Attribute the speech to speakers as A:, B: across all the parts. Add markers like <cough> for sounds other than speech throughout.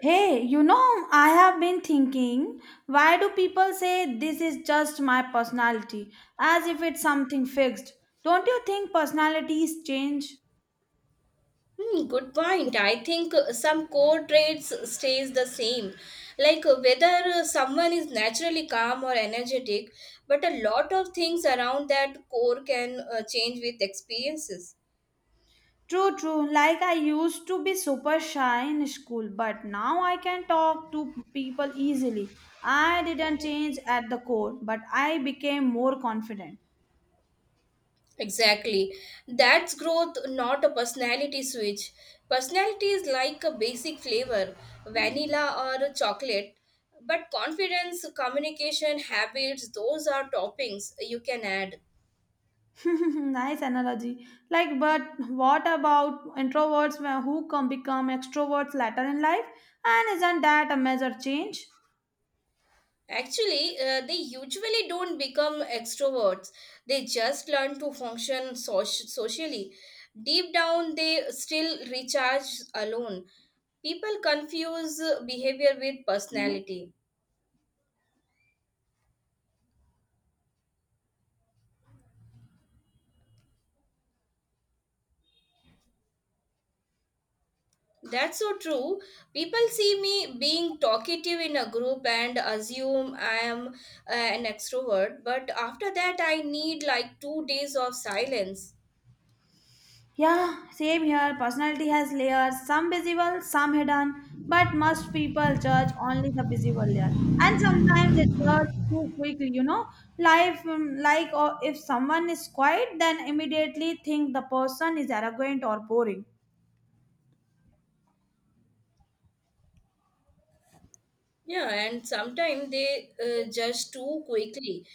A: Hey, I have been thinking, why do people say this is just my personality, as if it's something fixed? Don't you think personalities change?
B: Hmm, good point. I think some core traits stays the same, like whether someone is naturally calm or energetic, but a lot of things around that core can change with experiences.
A: True, true. Like I used to be super shy in school, but now I can talk to people easily. I didn't change at the core, but I became more confident.
B: Exactly. That's growth, not a personality switch. Personality is like a basic flavor, vanilla or chocolate, but confidence, communication, habits, those are toppings you can add.
A: <laughs> Nice analogy. Like, but what about introverts who can become extroverts later in life? And isn't that a major change?
B: Actually, they usually don't become extroverts. They just learn to function socially. Deep down, they still recharge alone. People confuse behavior with personality. That's so true. People see me being talkative in a group and assume I am an extrovert, but after that, I need like two days of silence.
A: Yeah, same here. Personality has layers, some visible, some hidden. But most people judge only the visible layer. And sometimes they judge too quickly. Life, like, or if someone is quiet, then immediately think the person is arrogant or boring.
B: Yeah, and sometimes they judge too quickly.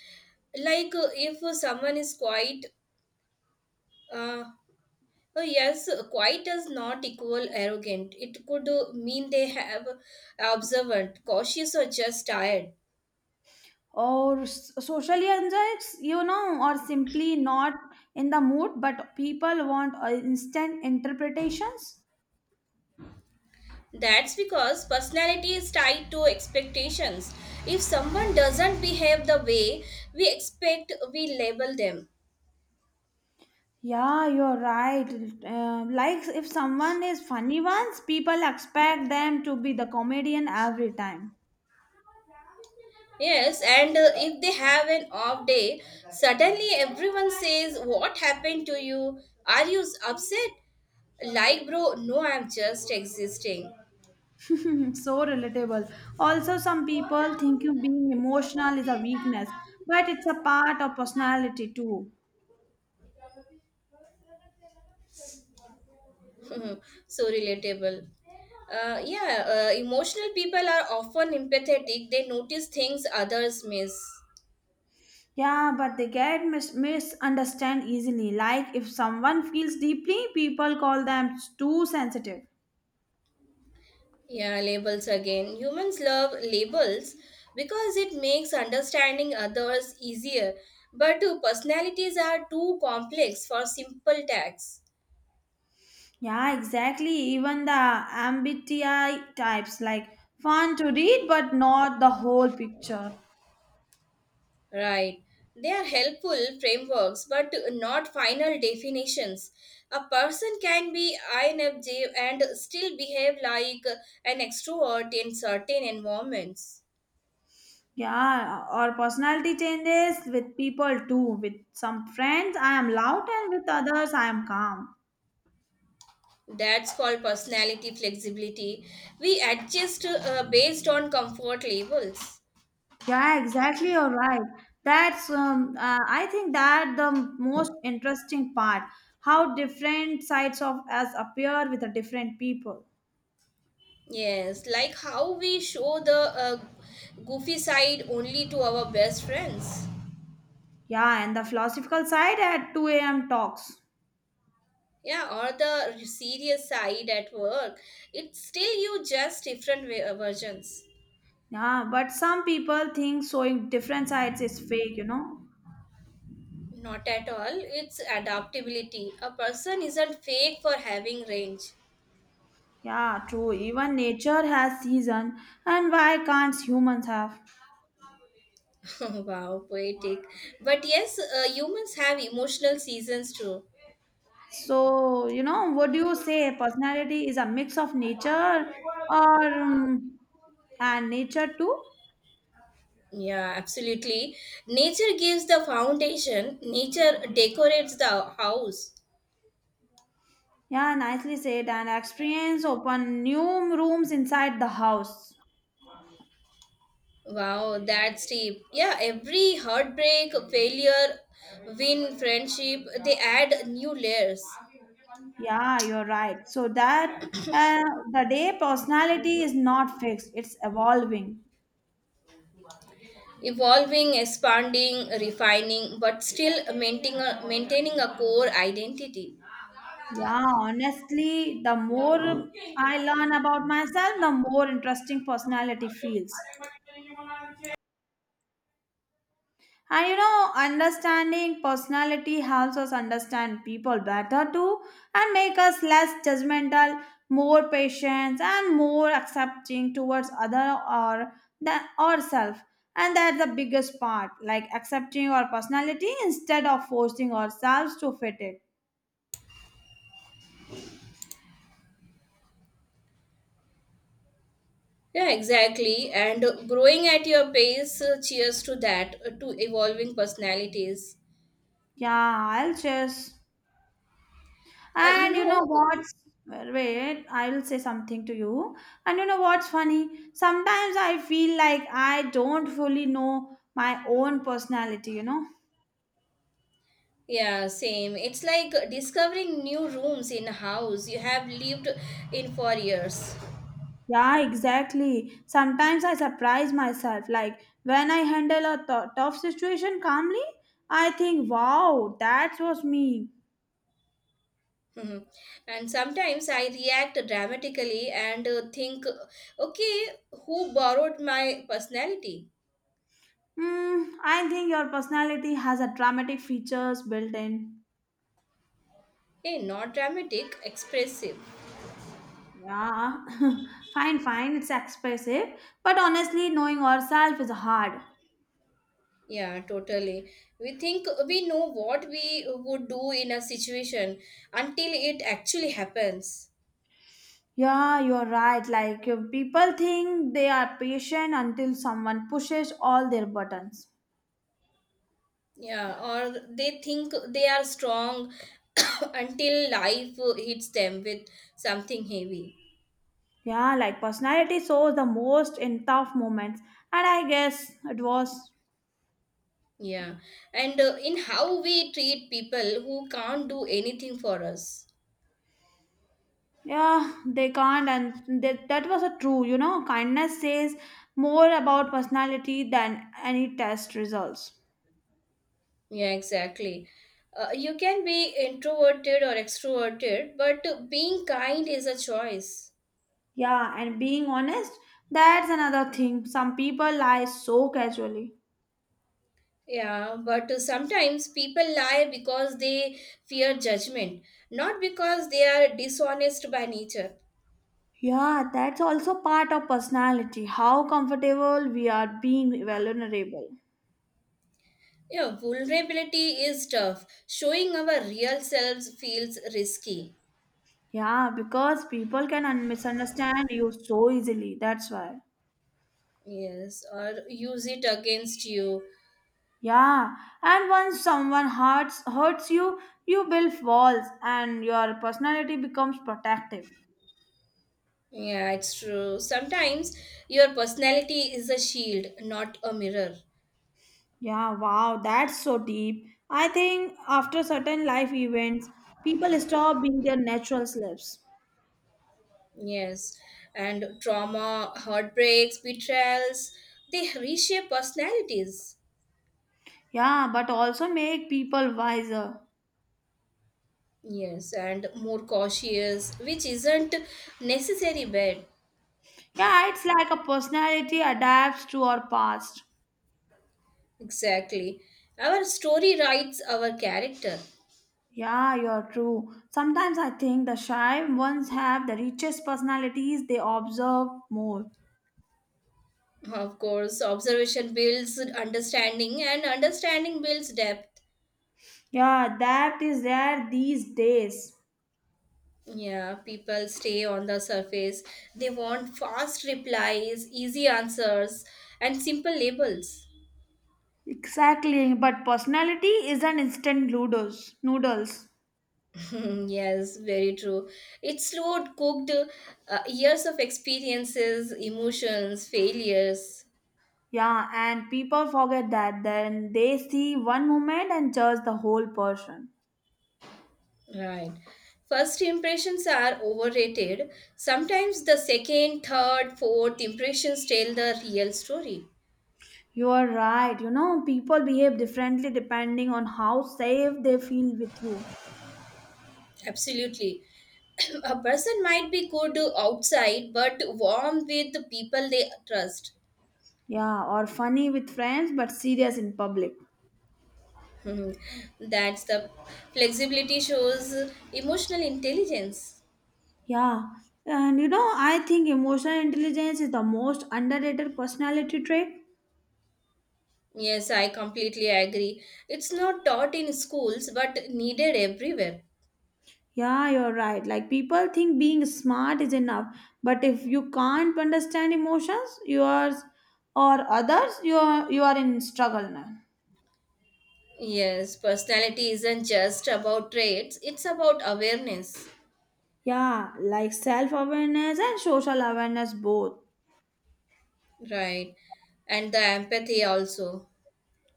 B: Like if someone is quiet, uh, yes, quiet does not equal arrogant. It could mean they have observant, cautious, or just tired.
A: Or socially anxious, or simply not in the mood, but people want instant interpretations.
B: That's because personality is tied to expectations. If someone doesn't behave the way we expect, we label them.
A: Yeah, you're right. Like if someone is funny once, people expect them to be the comedian every time.
B: Yes, and if they have an off day, suddenly everyone says, What happened to you? Are you upset? Like, bro, no, I'm just existing.
A: <laughs> So relatable. Also, some people think you being emotional is a weakness, but it's a part of personality too.
B: <laughs> So relatable. Yeah, emotional people are often empathetic, they notice things others miss.
A: Yeah, but they get misunderstood easily. Like if someone feels deeply, people call them too sensitive.
B: Yeah, labels again. Humans love labels because it makes understanding others easier. But personalities are too complex for simple tags.
A: Yeah, exactly. Even the MBTI types, like fun to read, but not the whole picture.
B: Right. They are helpful frameworks, but not final definitions. A person can be INFJ and still behave like an extrovert in certain environments.
A: Yeah, or personality changes with people too. With some friends, I am loud, and with others, I am calm.
B: That's called personality flexibility. We adjust based on comfort levels.
A: Yeah, exactly. You're right. That's I think that the most interesting part, how different sides of us appear with the different people.
B: Yes, like how we show the goofy side only to our best friends.
A: Yeah, and the philosophical side at 2 a.m. talks.
B: Yeah, or the serious side at work. It's still you, just different versions.
A: Yeah, but some people think showing different sides is fake, you know?
B: Not at all, it's adaptability. A person isn't fake for having range.
A: Yeah, true. Even nature has season, and why can't humans have?
B: <laughs> Wow, poetic. But yes, humans have emotional seasons too.
A: So, what do you say? Personality is a mix of nature, or and nature too?
B: Yeah, absolutely. Nature gives the foundation, nature decorates the house.
A: Yeah, nicely said. And experience open new rooms inside the house.
B: Wow, that's deep. Yeah, every heartbreak, failure, win, friendship, they add new layers.
A: Yeah, you're right. So that, uh, the day personality is not fixed, it's evolving.
B: Evolving, expanding, refining, but still maintaining a core identity.
A: Yeah, honestly, the more I learn about myself, the more interesting personality feels. And understanding personality helps us understand people better too, and make us less judgmental, more patient, and more accepting towards other or than ourselves. And that's the biggest part, like accepting our personality instead of forcing ourselves to fit it.
B: Yeah, exactly. And growing at your pace, cheers to that, to evolving personalities.
A: Yeah, I'll just
B: Uh, you
A: And you know
B: know,
A: what's well, wait, I will say something to you. And you know what's funny? Sometimes I feel like I don't fully know my own personality, you know?
B: yeah, same. It's like discovering new rooms in a house you have lived in for years.
A: Yeah, exactly. Sometimes I surprise myself. Like when I handle a tough situation calmly, I think, wow, that was me.
B: Mhm. And sometimes I react dramatically and think, okay, who borrowed my personality?
A: Mm, I think your personality has a dramatic features built in.
B: Hey, not dramatic, expressive.
A: Yeah, <laughs> fine, fine. It's expressive, but honestly, knowing ourselves is hard.
B: Yeah, totally. We think we know what we would do in a situation until it actually happens.
A: Yeah, you're right. Like people think they are patient until someone pushes all their buttons.
B: Yeah, or they think they are strong <coughs> until life hits them with something heavy.
A: Yeah, like personality shows the most in tough moments, and I guess it was.
B: Yeah, and in how we treat people who can't do anything for us.
A: Yeah, they can't, and that was a true. Kindness says more about personality than any test results.
B: Yeah, exactly. You can be introverted or extroverted, but being kind is a choice.
A: Yeah, and being honest, that's another thing. Some people lie so casually.
B: Yeah, but sometimes people lie because they fear judgment, not because they are dishonest by nature.
A: Yeah, that's also part of personality, how comfortable we are being vulnerable.
B: Yeah, vulnerability is tough. Showing our real selves feels risky.
A: Yeah, because people can misunderstand you so easily. That's why.
B: Yes, or use it against you.
A: Yeah, and once someone hurts you, you build walls and your personality becomes protective.
B: Yeah, it's true. Sometimes your personality is a shield, not a mirror.
A: Yeah, wow, that's so deep. I think after certain life events, people stop being their natural selves.
B: Yes. And trauma, heartbreaks, betrayals, they reshape personalities.
A: Yeah, but also make people wiser.
B: Yes. And more cautious, which isn't necessary bad.
A: Yeah, it's like a personality adapts to our past.
B: Exactly. Our story writes our character.
A: Yeah, you're true. Sometimes I think the shy ones have the richest personalities, they observe more.
B: Of course, observation builds understanding, and understanding builds depth.
A: Yeah, that is rare these days.
B: Yeah, people stay on the surface. They want fast replies, easy answers, and simple labels.
A: Exactly, but personality isn't instant noodles. Noodles.
B: <laughs> Yes, very true. It slowed, cooked, years of experiences, emotions, failures.
A: Yeah, and people forget that. Then they see one moment and judge the whole person.
B: Right. First impressions are overrated. Sometimes the second, third, fourth impressions tell the real story.
A: You are right. People behave differently depending on how safe they feel with you.
B: Absolutely. <clears throat> A person might be good outside but warm with the people they trust.
A: Yeah, or funny with friends but serious in public.
B: Hmm, that's the flexibility, shows emotional intelligence.
A: Yeah, and I think emotional intelligence is the most underrated personality trait.
B: Yes, I completely agree. It's not taught in schools but needed everywhere.
A: Yeah, you're right. Like people think being smart is enough, but if you can't understand emotions, yours or others, you are in struggle now.
B: Yes, personality isn't just about traits, it's about awareness.
A: Yeah, like self awareness and social awareness both.
B: Right, and the empathy also.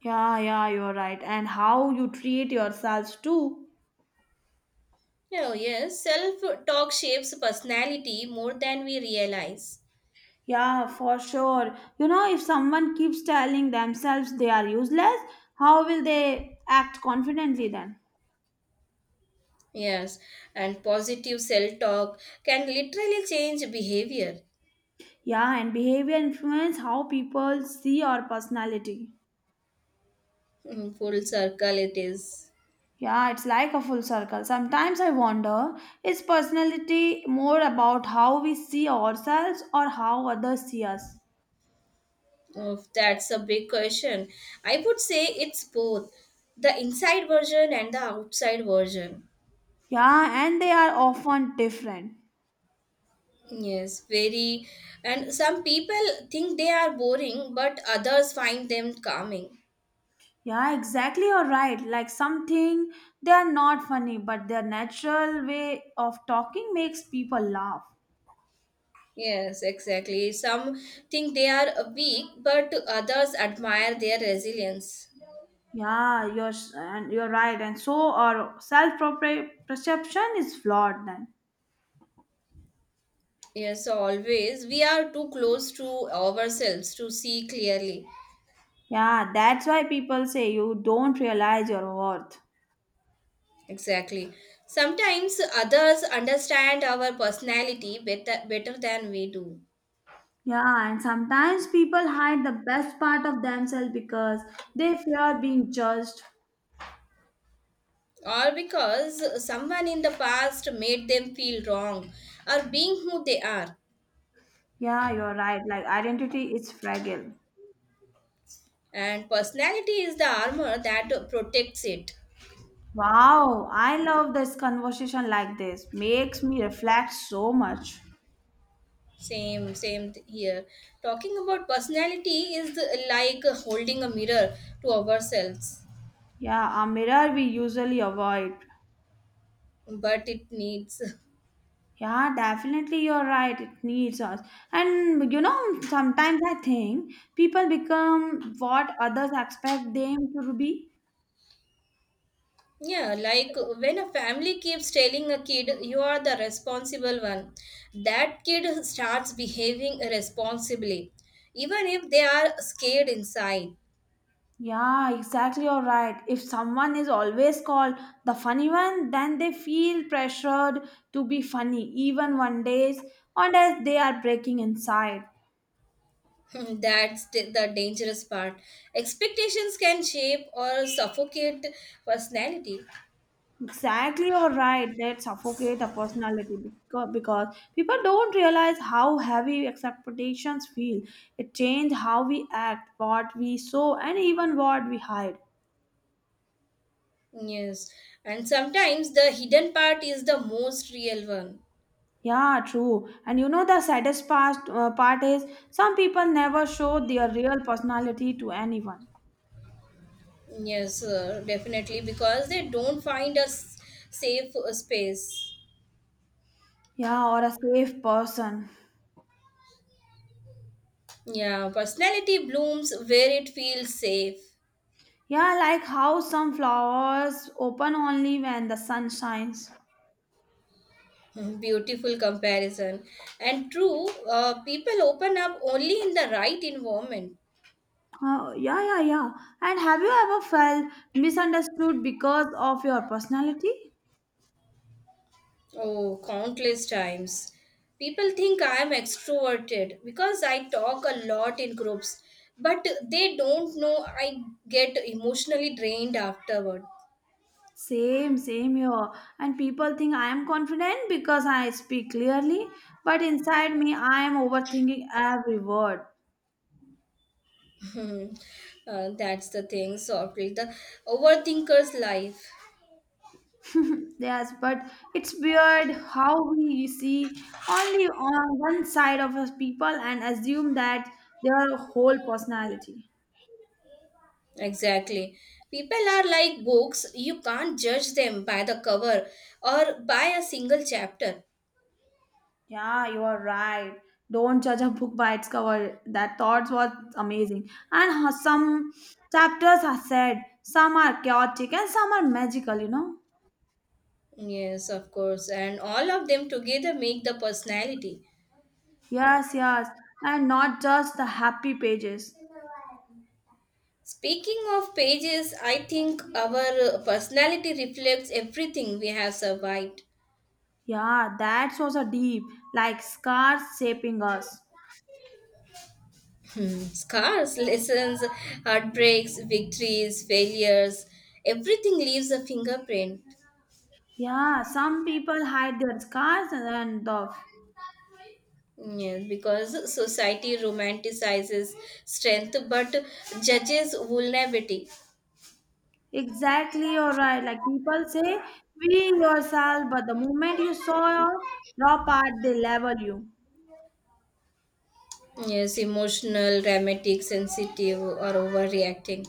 A: Yeah, yeah, you're right. And how you treat yourselves too.
B: Oh yes, self talk shapes personality more than we realize.
A: Yeah, for sure. If someone keeps telling themselves they are useless, how will they act confidently then?
B: Yes, and positive self talk can literally change behavior.
A: Yeah, and behavior influence how people see our personality.
B: In full circle, it is.
A: Yeah, it's like a full circle. Sometimes I wonder, is personality more about how we see ourselves or how others see us?
B: Oh, that's a big question. I would say it's both, the inside version and the outside version.
A: Yeah, and they are often different.
B: Yes, very. And some people think they are boring, but others find them calming.
A: Yeah, exactly, you're right. Like something, they are not funny, but their natural way of talking makes people laugh.
B: Yes, exactly. Some think they are weak, but others admire their resilience.
A: Yeah, and you're right. And so our self perception is flawed then.
B: Yes, always. We are too close to ourselves to see clearly.
A: Yeah, that's why people say you don't realize your worth.
B: Exactly. Sometimes others understand our personality better, better than we do.
A: Yeah, and sometimes people hide the best part of themselves because they fear being judged.
B: Or because someone in the past made them feel wrong or being who they are.
A: Yeah, you're right. Like identity is fragile.
B: And personality is the armor that protects it.
A: Wow, I love this conversation like this. Makes me reflect so much.
B: Same, here. Talking about personality is like holding a mirror to ourselves,
A: Yeah, a mirror we usually avoid.
B: but it needs <laughs>
A: Yeah, definitely you're right. It needs us. And sometimes I think people become what others expect them to be.
B: Yeah, like when a family keeps telling a kid, you are the responsible one, that kid starts behaving irresponsibly, even if they are scared inside.
A: Yeah, exactly. You're right. If someone is always called the funny one, then they feel pressured to be funny, even one days, and as they are breaking inside.
B: <laughs> That's the dangerous part. Expectations can shape or suffocate personality.
A: Exactly, you're right. That suffocate a personality because people don't realize how heavy expectations feel. It changes how we act, what we show, and even what we hide.
B: Yes, and sometimes the hidden part is the most real one.
A: Yeah, true. And you know the saddest part is, some people never show their real personality to anyone.
B: Yes, definitely, because they don't find a safe space.
A: Yeah, or a safe person.
B: Yeah, personality blooms where it feels safe.
A: Yeah, like how some flowers open only when the sun shines.
B: <laughs> Beautiful comparison. And true, people open up only in the right environment.
A: Oh, yeah, yeah, yeah. And have you ever felt misunderstood because of your personality?
B: Oh, countless times. People think I am extroverted because I talk a lot in groups, but they don't know I get emotionally drained afterward.
A: Same, same here. And people think I am confident because I speak clearly, but inside me I am overthinking every word.
B: <laughs> That's the thing, softly. The overthinker's life.
A: Yes, but it's weird how we see only on one side of us people and assume that their whole personality.
B: Exactly. People are like books, you can't judge them by the cover or by a single chapter.
A: Yeah, you are right. Don't judge a book by its cover. That thought was amazing. And how some chapters are sad, some are chaotic, and some are magical, you know?
B: Yes, of course, and all of them together make the personality.
A: Yes, yes. And not just the happy pages.
B: Speaking of pages, I think our personality reflects everything we have survived.
A: Yeah, that was a deep, like scars shaping us.
B: Hmm, scars, lessons, heartbreaks, victories, failures, everything leaves a fingerprint.
A: Yeah, some people hide their scars and off.
B: Yes, because society romanticizes strength but judges vulnerability.
A: Exactly, you're right. Like people say, be yourself, but the moment you saw your raw part, they level you.
B: Yes, emotional, dramatic, sensitive, or overreacting.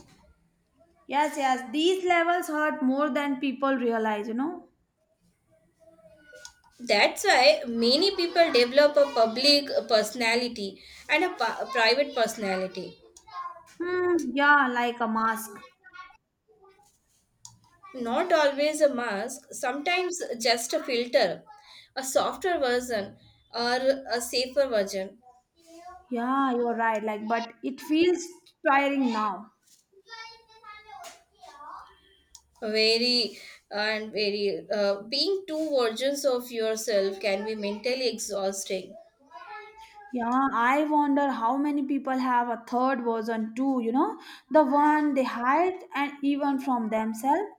A: Yes, yes, these levels hurt more than people realize, you know?
B: That's why many people develop a public personality and a private personality.
A: Hmm, yeah, like a mask.
B: Not always a mask, sometimes just a filter, a softer version, or a safer version.
A: Yeah, you're right. Like, but it feels tiring now.
B: Very, and very, being two versions of yourself can be mentally exhausting.
A: Yeah, I wonder how many people have a third version too, you know? The one they hide and even from themselves.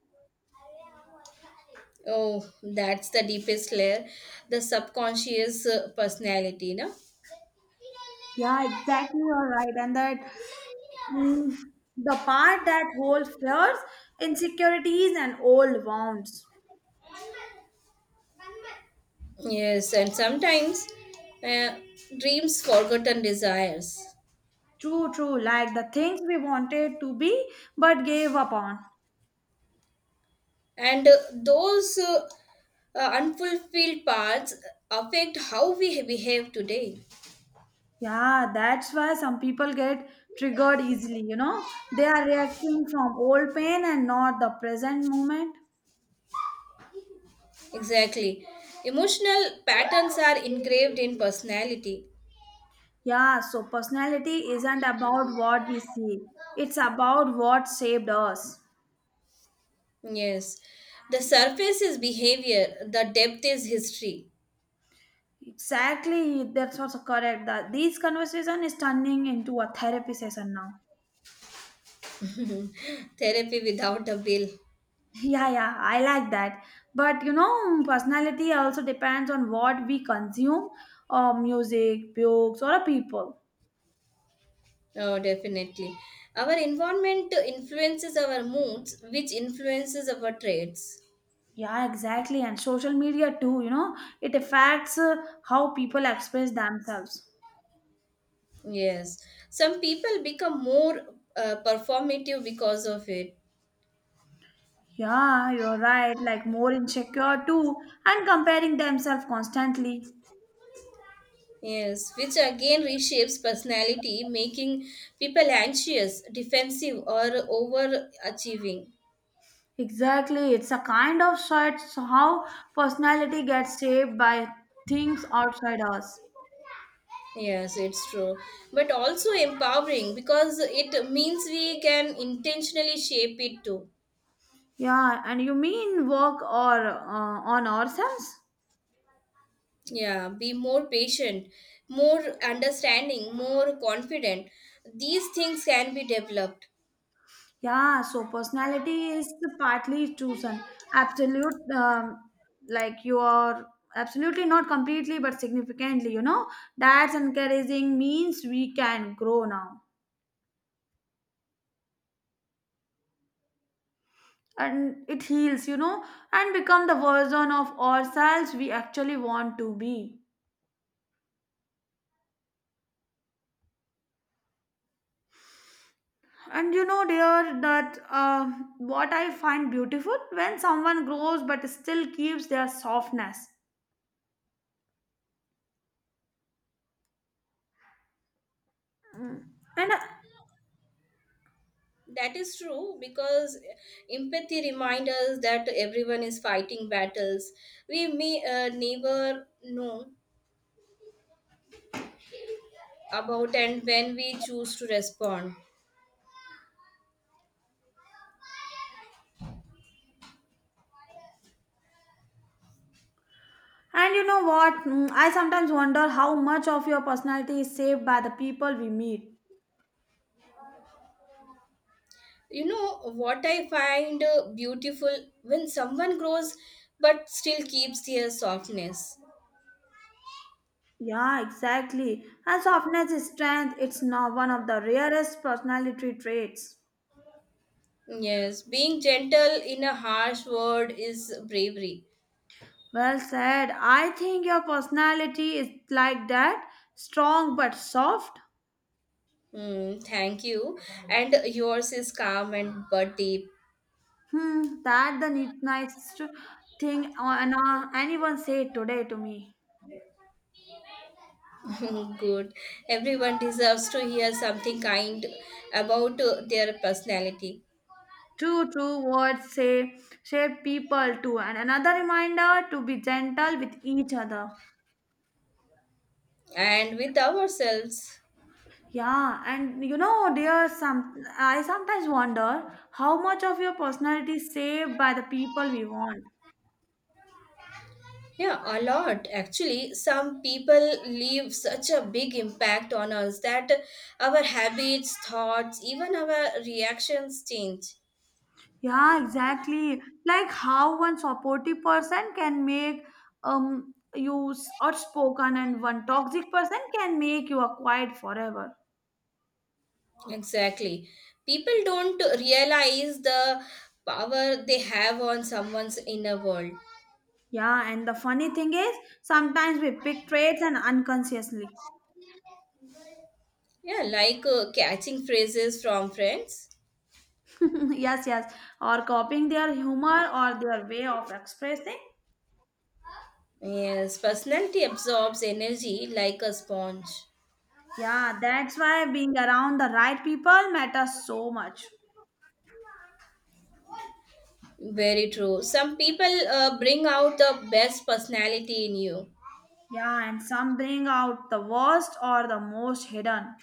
B: Oh, that's the deepest layer, the subconscious personality, no?
A: Yeah, exactly. You're right. And mm, the part that holds fears, insecurities, and old wounds.
B: Yes, and sometimes, uh, dreams, forgotten desires.
A: True, true. Like the things we wanted to be but gave up on.
B: And those unfulfilled parts affect how we behave today.
A: Yeah, that's why some people get triggered easily. They are reacting from old pain and not the present moment.
B: Exactly, emotional patterns are engraved in personality.
A: Yeah, so personality isn't about what we see, it's about what saved us.
B: Yes, the surface is behavior, the depth is history.
A: Exactly, that's also correct. That these conversation is turning into a therapy session now. <laughs>
B: <laughs> Therapy without a bill.
A: Yeah, yeah, I like that. But personality also depends on what we consume, music, books, or people.
B: Oh, definitely. Our environment influences our moods, which influences our traits.
A: Yeah, exactly, and social media too. It affects how people express themselves.
B: Yes, some people become more performative because of it.
A: Yeah, you're right. Like more insecure too, and comparing themselves constantly.
B: Yes, which again reshapes personality, making people anxious, defensive, or overachieving.
A: Exactly. It's a kind of shifts how personality gets shaped by things outside us.
B: Yes, it's true. But also empowering because it means we can intentionally shape it too.
A: Yeah, and you mean work or on ourselves?
B: Yeah, be more patient, more understanding, more confident. These things can be developed.
A: Yeah, so personality is partly chosen. Absolute, like you are absolutely not completely but significantly. That's encouraging means we can grow now. And it heals, and become the version of ourselves we actually want to be. And dear, that what I find beautiful when someone grows but still keeps their softness. Mm. And
B: That is true because empathy reminds us that everyone is fighting battles we may never know about, and when we choose to respond.
A: and you know what? I sometimes wonder how much of your personality is shaped by the people we meet.
B: You know what I find beautiful, when someone grows but still keeps their softness.
A: Yeah, exactly. And softness is strength. It's not one of the rarest personality traits.
B: Yes, being gentle in a harsh world is bravery.
A: Well said. I think your personality is like that, strong but soft.
B: Mm, thank you. And yours is calm and but deep.
A: Hmm, that the nicest thing on, anyone said today to me.
B: <laughs> Good. Everyone deserves to hear something kind about their personality,
A: True, true words say shape people too, and another reminder to be gentle with each other.
B: and with ourselves.
A: Yeah, and dear, some I sometimes wonder how much of your personality is saved by the people we want.
B: Yeah, a lot actually. Some people leave such a big impact on us that our habits, thoughts, even our reactions change.
A: Yeah, exactly. Like how one supportive person can make you outspoken, and one toxic person can make you a quiet forever.
B: Exactly. People don't realize the power they have on someone's inner world.
A: Yeah, and the funny thing is, sometimes we pick traits and unconsciously.
B: Yeah, like catching phrases from friends.
A: <laughs> Yes, yes, or copying their humor or their way of expressing.
B: Yes, personality absorbs energy like a sponge.
A: Yeah, that's why being around the right people matters so much.
B: Very true. Some people bring out the best personality in you.
A: Yeah, and some bring out the worst or the most hidden.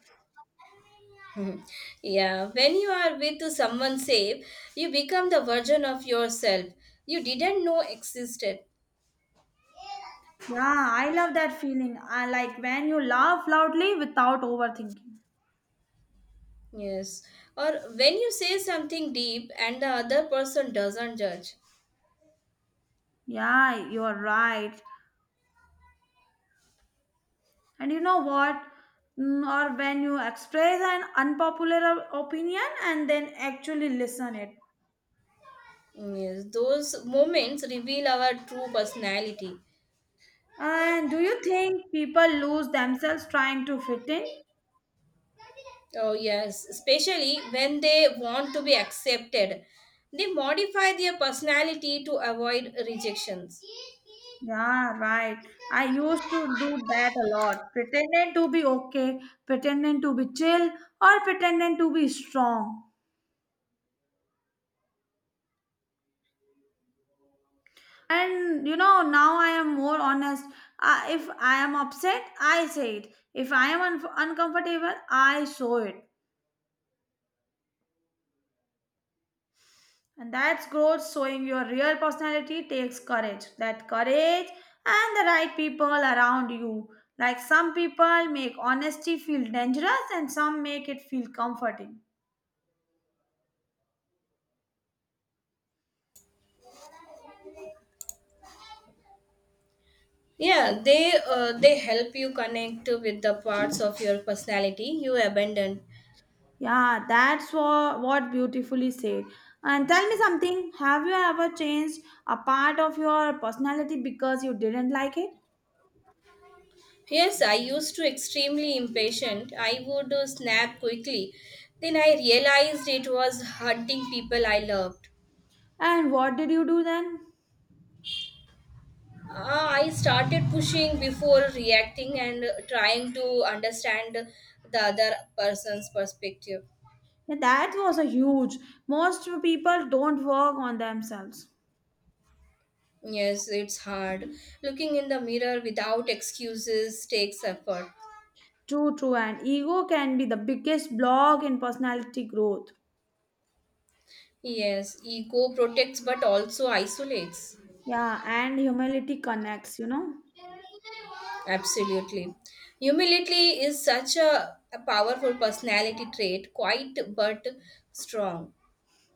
B: Mhm. Yeah, when you are with someone safe, you become the version of yourself you didn't know existed.
A: Yeah, I love that feeling. I like when you laugh loudly without overthinking.
B: Yes. Or when you say something deep and the other person doesn't judge.
A: Yeah, you're right. And you know what? Or when you express an unpopular opinion and then actually listen it.
B: Yes, those moments reveal our true personality.
A: And do you think people lose themselves trying to fit in?
B: Oh, yes, especially when they want to be accepted. They modify their personality to avoid rejections.
A: Yeah, right. I used to do that a lot. Pretending to be okay, pretending to be chill, or pretending to be strong. And now I am more honest. If I am upset, I say it. If I am uncomfortable, I show it. And that's growth. Showing your real personality takes courage. That courage and the right people around you. Like some people make honesty feel dangerous and some make it feel comforting.
B: Yeah, they help you connect with the parts of your personality you abandoned.
A: Yeah, that's what beautifully said. And tell me something, have you ever changed a part of your personality because you didn't like it?
B: Yes, I used to extremely impatient. I would snap quickly. Then I realized it was hurting people I loved.
A: And what did you do then?
B: I started pushing before reacting and trying to understand the other person's perspective.
A: Yeah, that was a huge. Most people don't work on themselves.
B: Yes, it's hard. Looking in the mirror without excuses takes effort.
A: True, true, and ego can be the biggest block in personality growth.
B: Yes, ego protects but also isolates.
A: Yeah, and humility connects.
B: Absolutely. Humility is such a powerful personality trait, quite but strong.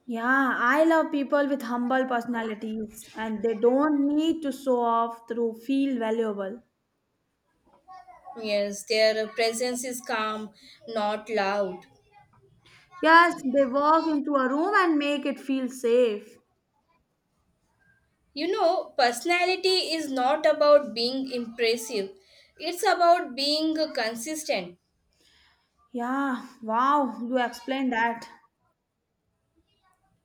A: Yeah, I love people with humble personalities and they don't need to show off to feel valuable.
B: Yes, their presence is calm, not loud.
A: Yes, they walk into a room and make it feel safe.
B: You know, personality is not about being impressive, it's about being consistent.
A: Yeah, wow, you explained that.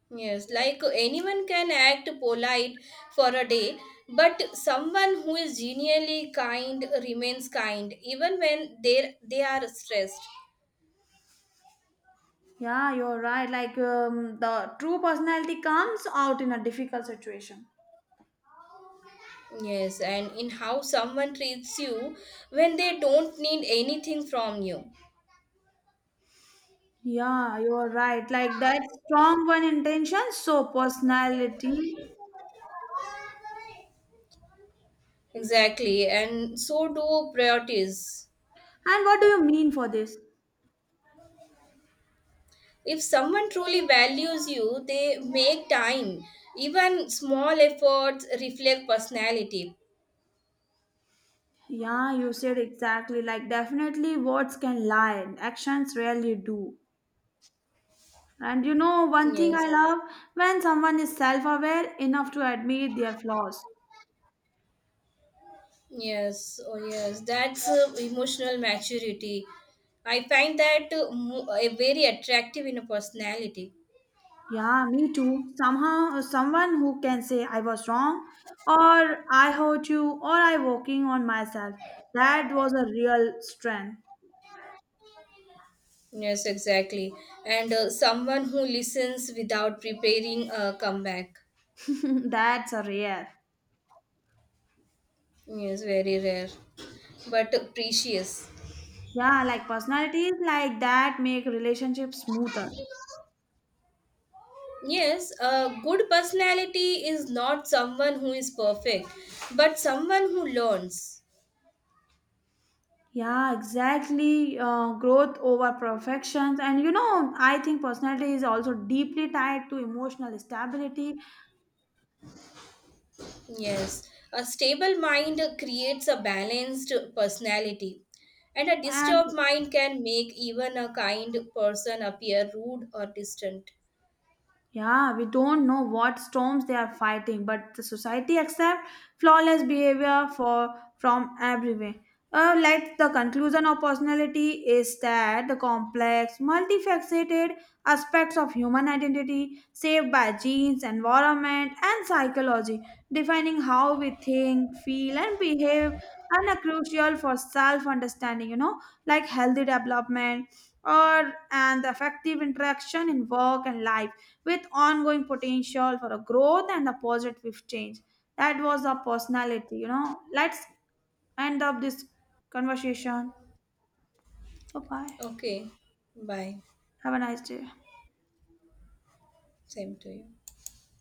B: Yes, like anyone can act polite for a day, but someone who is genuinely kind remains kind even when they are stressed.
A: Yeah, you're right. Like the true personality comes out in a difficult situation.
B: Yes, and in how someone treats you when they don't need anything from you.
A: Yeah, you're right. Like that strong one intention, so personality. And
B: Exactly, and so do priorities.
A: what do you mean for this?
B: If someone truly values you, they make time. Even small efforts reflect personality.
A: Yeah, you said exactly. Like definitely words can lie, and actions rarely do. And one thing I
B: Yes.
A: love when someone is self-aware enough to admit their flaws.
B: Yes, oh yes, that's emotional maturity. I find that very attractive in a personality.
A: Yeah, me too. Somehow, someone who can say I was wrong, or I hurt you, or I working on myself. That was a real strength.
B: Yes, exactly. And someone who listens without preparing a comeback.
A: <laughs> That's a rare.
B: Yes, very rare, but precious.
A: Yeah, like personalities like that make relationships smoother.
B: Yes, a good personality is not someone who is perfect, but someone who learns.
A: Yeah, exactly. Growth over perfections. And I think personality is also deeply tied to emotional stability.
B: Yes, a stable mind creates a balanced personality, and a
A: And
B: disturbed mind can make even a kind person appear rude or distant.
A: yeah, we don't know what storms they are fighting, but the society accept flawless behavior for from everywhere. Like the conclusion of personality is that the complex, multifaceted aspects of human identity saved by genes, environment, and psychology, defining how we think, feel, and behave, and are crucial for self understanding, like healthy development or and effective interaction in work and life with ongoing potential for a growth and a positive change, that was the personality, let's end up this conversation. Bye bye.
B: Okay, bye.
A: Have a nice day.
B: Same to you.